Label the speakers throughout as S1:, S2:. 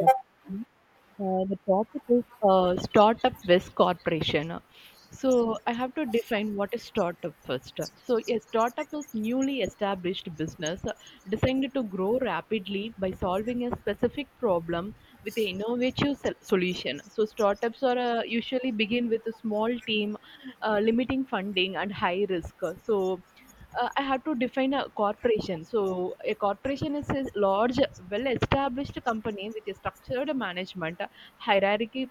S1: Yep. Mhm. The topic is startup versus corporation. So I have to define what is startup first. So a startup is newly established business designed to grow rapidly by solving a specific problem with an innovative solution. So startups are usually begin with a small team, limiting funding and high risk. So I have to define a corporation. So, a corporation is a large, well established company with a structured management, hierarchy,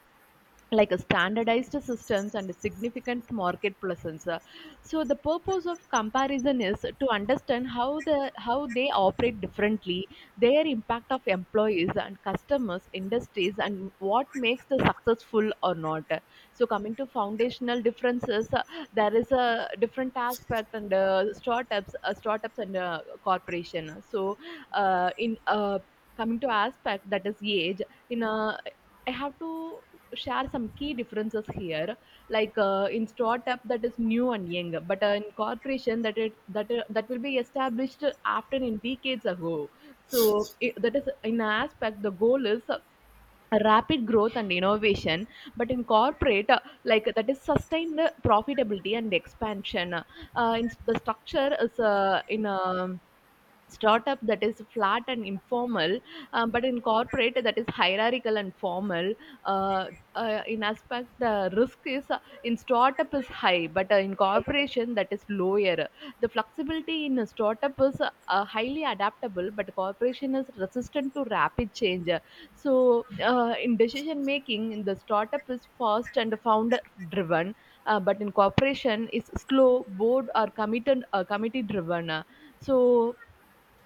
S1: like a standardized systems and a significant market presence. So the purpose of comparison is to understand how they operate differently, their impact of employees and customers industries and what makes the successful or not. So coming to foundational differences, there is a different aspect and startups and corporation. So in coming to aspect that is age. In a I have to share some key differences here, like in startup that is new and young, but in corporation that it that that will be established after in decades ago. So it, that is in aspect, the goal is rapid growth and innovation, but in corporate like that is sustained profitability and expansion. In the structure is in startup that is flat and informal, but in corporate that is hierarchical and formal. Uh, in aspect, the risk is in startup is high, but in corporation that is lower. The flexibility in a startup is highly adaptable, but corporation is resistant to rapid change. So, in decision making, in the startup is fast and founder driven, but in corporation is slow, board or committed committee driven. So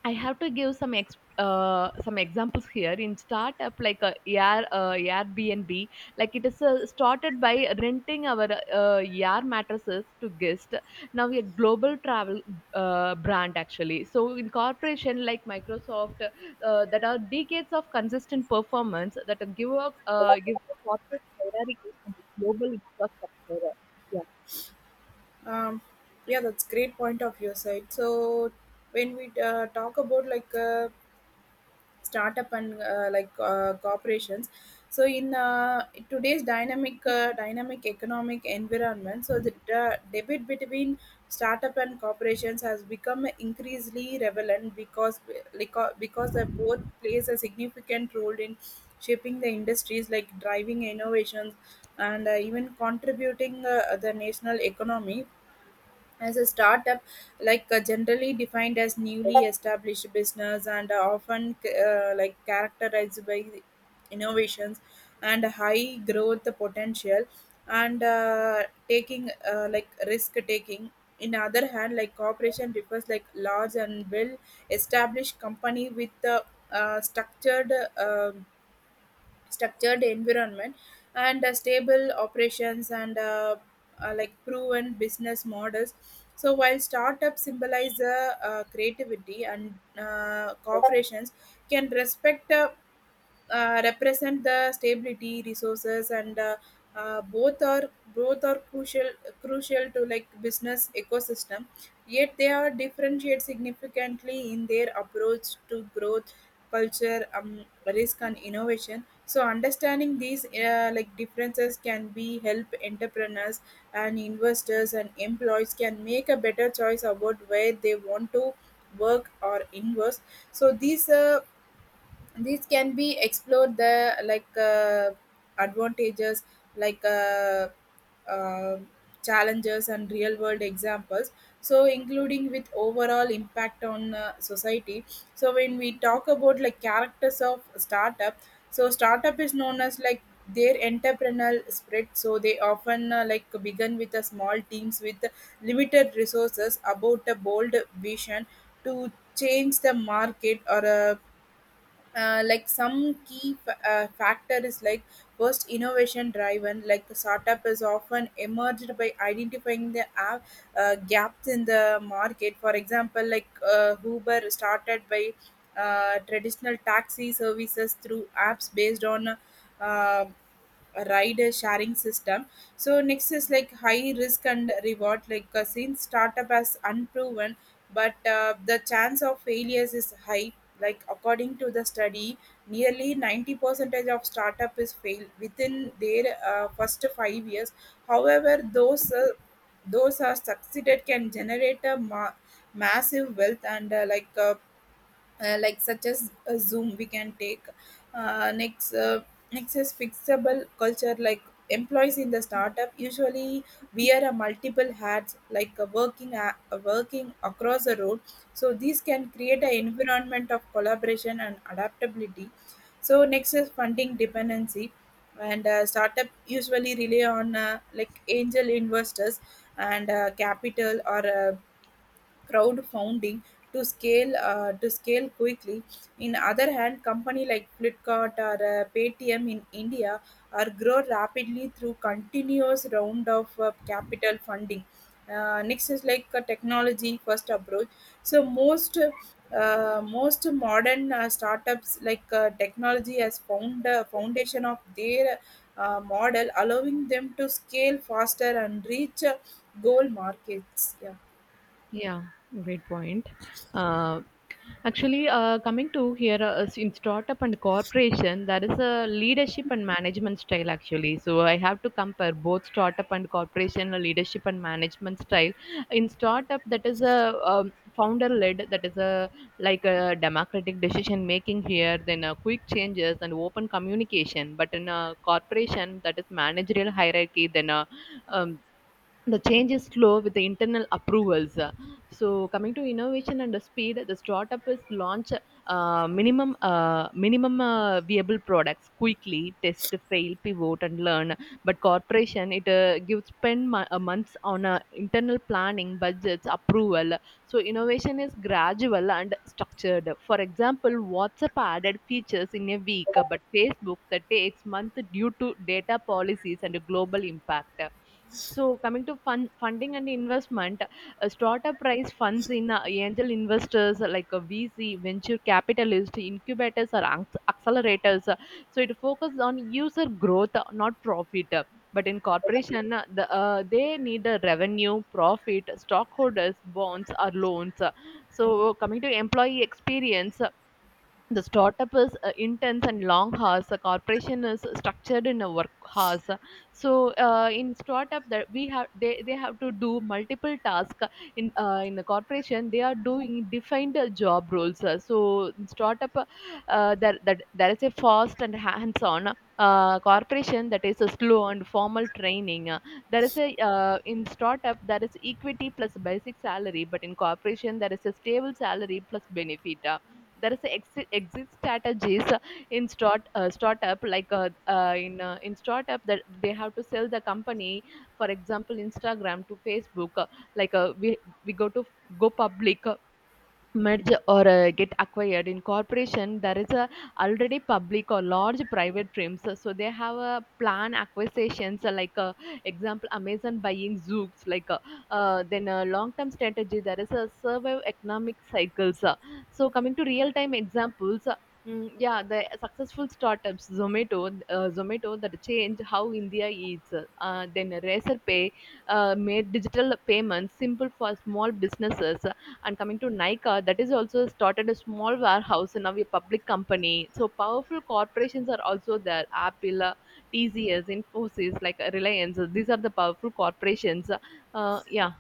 S1: I have to give some examples here in startup like Airbnb. Like it is started by renting our Air mattresses to guests. Now we are global travel brand actually. So in corporation like Microsoft, that are decades of consistent performance that give a corporate hierarchy and global infrastructure. Yeah.
S2: Um, yeah, that's great point of your side. So when we talk about like startup and corporations, so in today's dynamic economic environment, so the debate between startup and corporations has become increasingly relevant because they both plays a significant role in shaping the industries like driving innovations and even contributing the national economy as a startup like generally defined as newly established business and often like characterized by innovations and high growth potential and taking like risk taking in other hand like corporation refers like large and well established company with the structured um structured environment and stable operations and like proven business models. So while startups symbolize creativity and corporations can respect represent the stability resources and uh, both are both are crucial to like business ecosystem, yet they are differentiate significantly in their approach to growth culture, risk and innovation. So understanding these like differences can be help entrepreneurs and investors and employees can make a better choice about where they want to work or invest. So these can be explored the like advantages like uh, uh, challenges and real world examples, so including with overall impact on society. So when we talk about like characters of startup, so startup is known as like their entrepreneurial spread, so they often like begin with a small teams with limited resources about a bold vision to change the market or like some key factor is like first innovation driven. Like the startup is often emerged by identifying the gaps in the market, for example like Uber started by traditional taxi services through apps based on uh, a ride sharing system. So next is like high risk and reward, like since startup has unproven, but the chance of failures is high. Like according to the study, nearly 90 percentage of startup is fail within their first 5 years. However those are succeeded can generate a massive wealth and like such as Zoom we can take. uh, next uh, Next is fixable culture. Like employees in the startup usually wear a multiple hats, like a a working across the road. So these can create an environment of collaboration and adaptability. So next is funding dependency, and startup usually rely on like angel investors and capital or crowdfunding to scale quickly. In other hand, company like Flipkart or Paytm in India are grow rapidly through continuous round of capital funding. Next is like a technology first approach. So most modern startups, like technology has found the foundation of their model, allowing them to scale faster and reach goal markets. Yeah.
S1: Yeah, great point. Uh, coming to here in startup and corporation, there is a leadership and management style actually. So I have to compare both startup and corporation leadership and management style. In startup, that is a founder-led, that is a like a democratic decision making here, then quick changes and open communication. But in a corporation, that is managerial hierarchy, then a um, the change is slow with the internal approvals. So coming to innovation and the speed, the startup is launch minimum viable products quickly, test, fail, pivot, and learn. But corporation it gives spend months on internal planning, budgets, approval. So innovation is gradual and structured. For example, WhatsApp added features in a week, but Facebook that takes month due to data policies and global impact. So coming to funding and investment, startup raise funds in angel investors like a VC, venture capitalist, incubators or accelerators. So it focuses on user growth, not profit. But in corporation, they need a revenue, profit, stockholders, bonds or loans. So coming to employee experience, the startup is intense and long hours, the corporation is structured in a work hours. So in startup that they have to do multiple tasks in the corporation they are doing defined job roles. So in startup that there is a fast and hands on, corporation that is a slow and formal training. There is a in startup there is equity plus basic salary, but in corporation there is a stable salary plus benefit. There is a exit strategies. In start startup, like in startup that they have to sell the company, for example Instagram to Facebook. We we go to go public, merge or get acquired. In corporation there is a already public or large private firms, so they have a plan acquisitions, example Amazon buying Zoox, then a long term strategy, there is a survive economic cycles. So coming to real time examples, yeah, the successful startups, Zomato that changed how India eats. Then Razorpay made digital payments simple for small businesses, and coming to Nika, that is also started a small warehouse and now a public company. So powerful corporations are also there. Apple, TCS, Infosys, like Reliance. These are the powerful corporations. Yeah.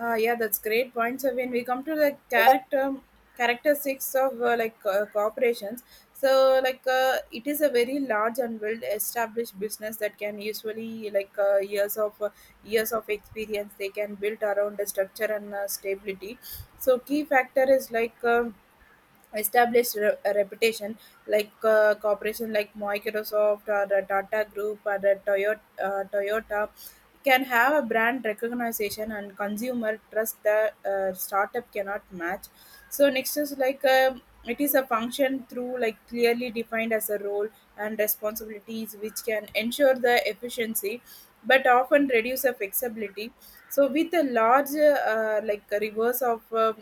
S2: Yeah, that's great point. So when we come to the character six of corporations, so like it is a very large and well-established business that can usually like years of experience they can build around the structure and stability. So key factor is like. Established a reputation, like corporation like Microsoft or the Tata Group or the Toyota can have a brand recognition and consumer trust that startup cannot match. So next is like, it is a function through like clearly defined as a role and responsibilities, which can ensure the efficiency but often reduce the flexibility. So with a large like a reverse of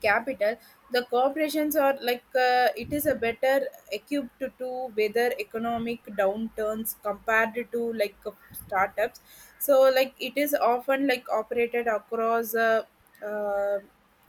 S2: capital, the corporations are like it is a better equipped to weather economic downturns compared to like startups. So like it is often like operated across uh,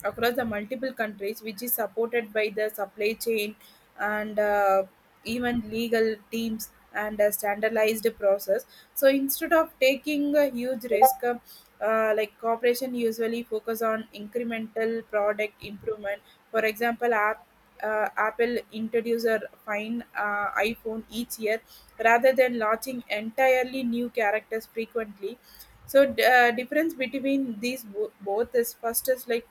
S2: across the multiple countries which is supported by the supply chain and even legal teams and a standardized process. So instead of taking a huge risk, like corporation usually focus on incremental product improvement. For example, Apple introduce a fine iPhone each year rather than launching entirely new characters frequently. So difference between these both is first is like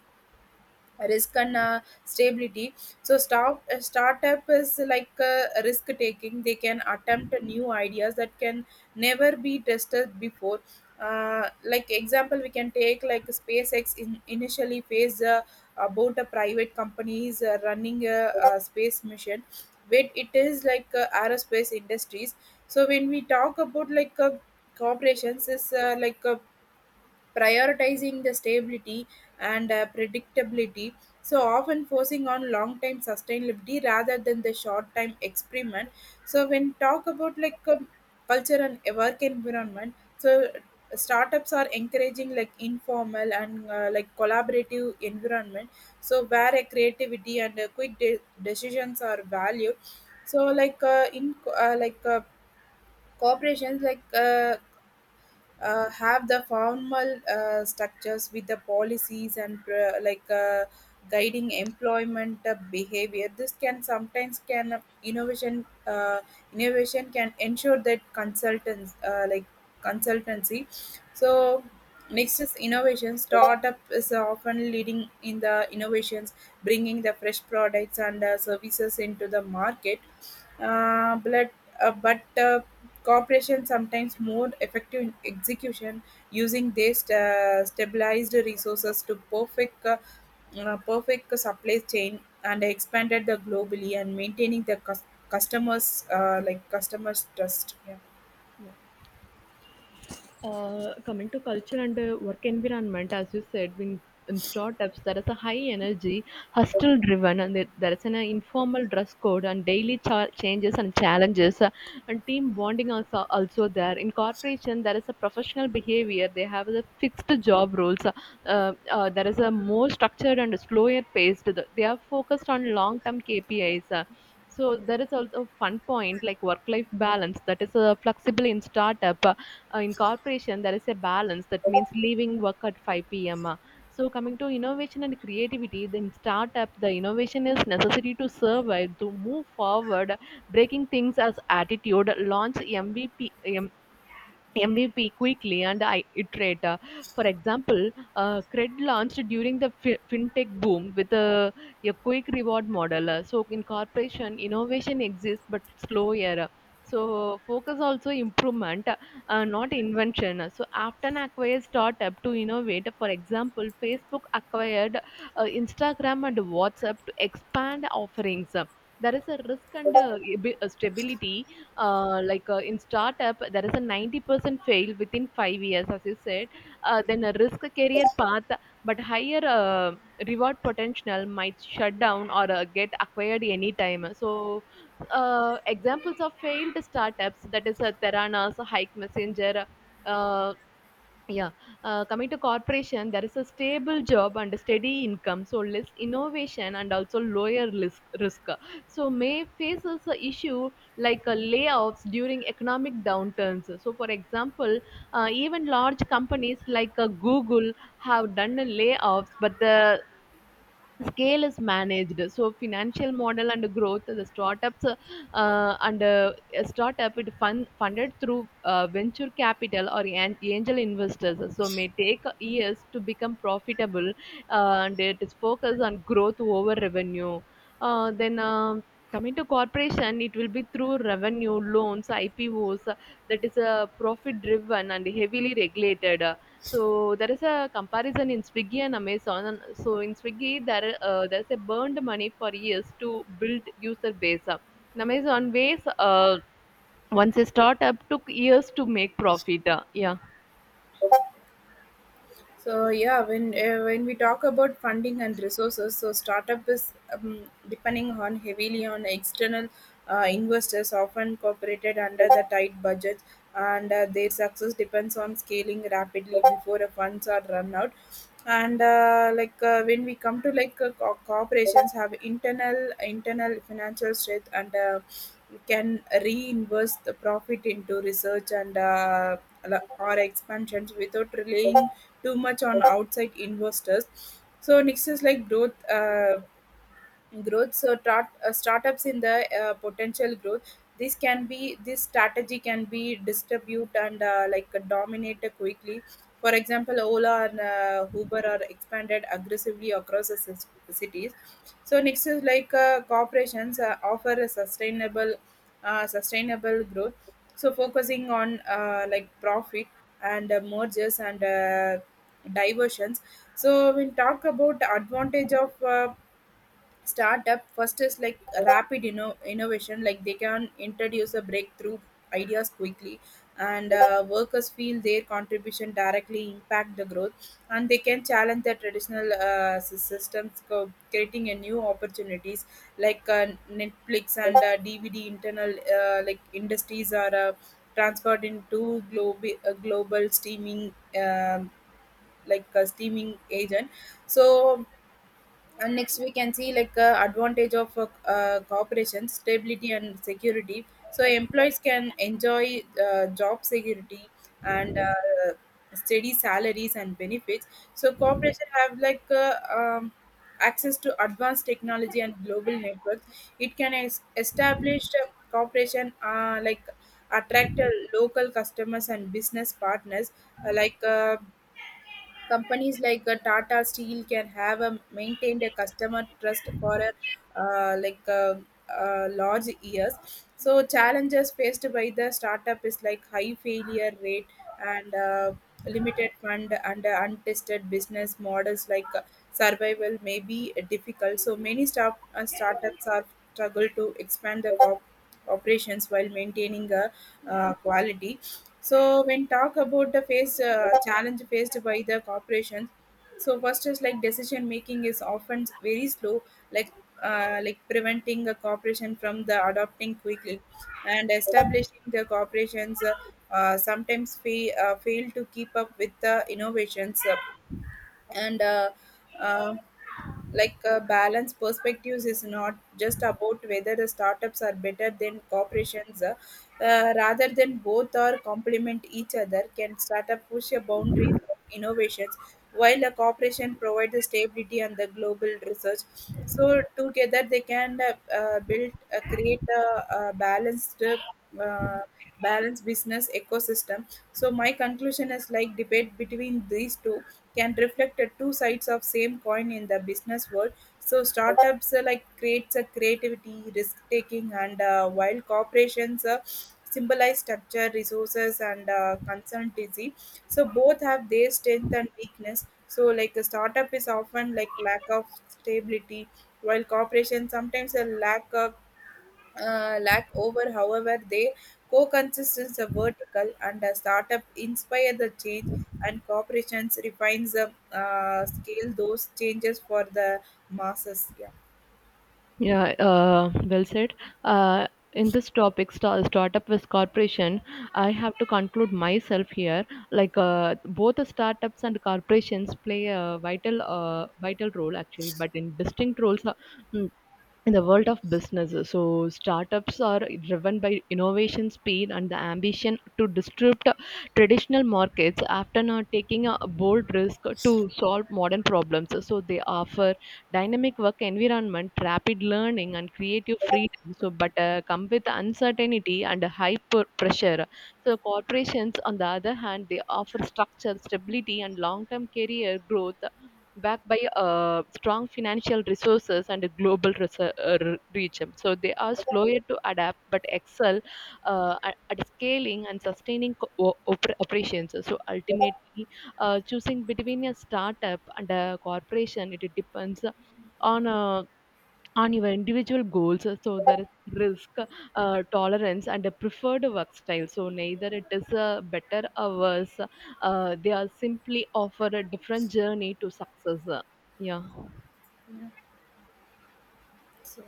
S2: risk and stability. So a startup is like risk taking. They can attempt new ideas that can never be tested before. Like example, we can take like SpaceX initially faced about a private companies running a space mission, but it is like aerospace industries. So when we talk about like corporations is prioritizing the stability and predictability, so often forcing on long time sustainability rather than the short time experiment. So when talk about like culture and work environment, so startups are encouraging like informal and like collaborative environment, so where a creativity and quick decisions are valued. So like corporations have the formal structures with the policies and guiding employment behavior. This can sometimes can innovation can ensure that consultants like consultancy. So next is innovation. Startup is often leading in the innovations, bringing the fresh products and services into the market, uh, but but corporations sometimes more effective in execution, using their stabilized resources to perfect supply chain and expanded the globally and maintaining the cus- customers like customers trust. Yeah.
S1: Yeah. Coming to culture and work environment, as you said, in startups, there is a high energy, hustle driven, and there is an informal dress code and daily changes and challenges, and team bonding also there. In corporation, there is a professional behavior. They have the fixed job roles. There is a more structured and slower paced. They are focused on long term KPIs. So there is also a fun point like work life balance that is flexible in startup. In corporation there is a balance that means leaving work at 5 p.m. So coming to innovation and creativity, then startup the innovation is necessary to survive to move forward, breaking things as attitude, launch MVP quickly and iterate. For example, Cred launched during the fintech boom with a quick reward model. So in corporation, innovation exists but slow era. So focus also improvement, not invention. So after an acquires startup to innovate. For example, Facebook acquired Instagram and WhatsApp to expand offerings. There is a risk and stability. In startup there is a 90% fail within 5 years as you said. Then a risk career path but higher reward potential, might shut down or get acquired anytime. So examples of failed startups, that is Theranos, Hike Messenger, uh, yeah, coming to corporation, there is a stable job and a steady income, so less innovation and also lower risk. So may faces a issue like layoffs during economic downturns. So for example, even large companies like Google have done layoffs, but the scale is managed. So financial model and growth, the startups and a startup it funded through venture capital or angel investors, so may take years to become profitable, and it is focused on growth over revenue. Then Coming to corporation, it will be through revenue, loans, IPOs, that is a profit driven and heavily regulated. So there is a comparison in Swiggy and Amazon. So in Swiggy, there's a burned money for years to build user base. In Amazon, ways once a startup took years to make profit. Yeah,
S2: So yeah, when we talk about funding and resources, so startup is depending on heavily on external investors, often incorporated under the tight budget, and their success depends on scaling rapidly before the funds are run out. And when we come to like corporations have internal financial strength and can reinvest the profit into research and or expansions without relying too much on outside investors. So next is like growth. Growth so startups in the potential growth, this strategy can be distribute and dominate quickly. For example, Ola and Uber are expanded aggressively across the cities. So next is like corporations offer a sustainable growth, so focusing on like profit and mergers and diversions. So we talk about the advantage of startup. First is like a rapid innovation. Like they can introduce a breakthrough ideas quickly, and workers feel their contribution directly impact the growth, and they can challenge the traditional systems, creating a new opportunities, like Netflix and DVD internal like industries are transferred into global streaming, um like a streaming agent. So and next we can see like advantage of cooperation stability and security. So employees can enjoy job security and steady salaries and benefits. So corporation have like access to advanced technology and global networks. It can establish a corporation like attract local customers and business partners. uh, like uh, Companies like Tata Steel can have maintained a customer trust for a, like large years. So challenges faced by the startup is like high failure rate and limited fund and untested business models. Survival may be difficult. So startups are struggle to expand their operations while maintaining a quality. So when talk about the face challenge faced by the corporations, so first is like decision making is often very slow, like like preventing a corporation from the adopting quickly, and establishing the corporations sometimes fail to keep up with the innovations. And uh, like Balance perspectives is not just about whether the startups are better than corporations, rather than both are complement each other. Can startup push a boundaries of innovations while a corporation provides the stability and the global research, so together they can build create a balanced uh, balanced business ecosystem. So my conclusion is like debate between these two can reflect two sides of same coin in the business world. So startups like creates a creativity risk taking and while corporations symbolize structure resources and consultancy. So both have their strength and weakness. So like a startup is often like lack of stability while corporations sometimes a lack of lack over, however their co-consistence of vertical and a startup inspire the change and corporations refines the scale those changes for the masses. Yeah,
S1: yeah. Well said. Uh, in this topic, startup with corporation, I have to conclude myself here. Like both the startups and corporations play a vital role actually, but in distinct roles. In the world of business, so startups are driven by innovation, speed and the ambition to disrupt traditional markets after now taking a bold risk to solve modern problems. So they offer dynamic work environment, rapid learning and creative freedom, but come with uncertainty and high pressure. So corporations on the other hand they offer structure, stability and long term career growth, backed by strong financial resources and a global reach. So they are slower to adapt but excel at scaling and sustaining operations. So ultimately, choosing between a startup and a corporation, it depends on uh, on your individual goals. So there is risk tolerance and a preferred work style. So neither it is better or worse, they are simply offer a different journey to success. Yeah.
S2: yeah. so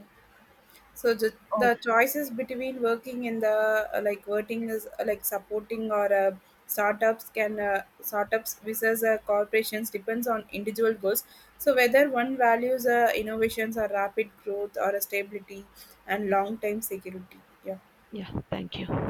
S2: So the
S1: Oh,
S2: choices between working in the like working is like supporting or startups versus corporations depends on individual goals. So whether one values innovations or rapid growth or a stability and long term security. Yeah.
S1: yeah, thank you.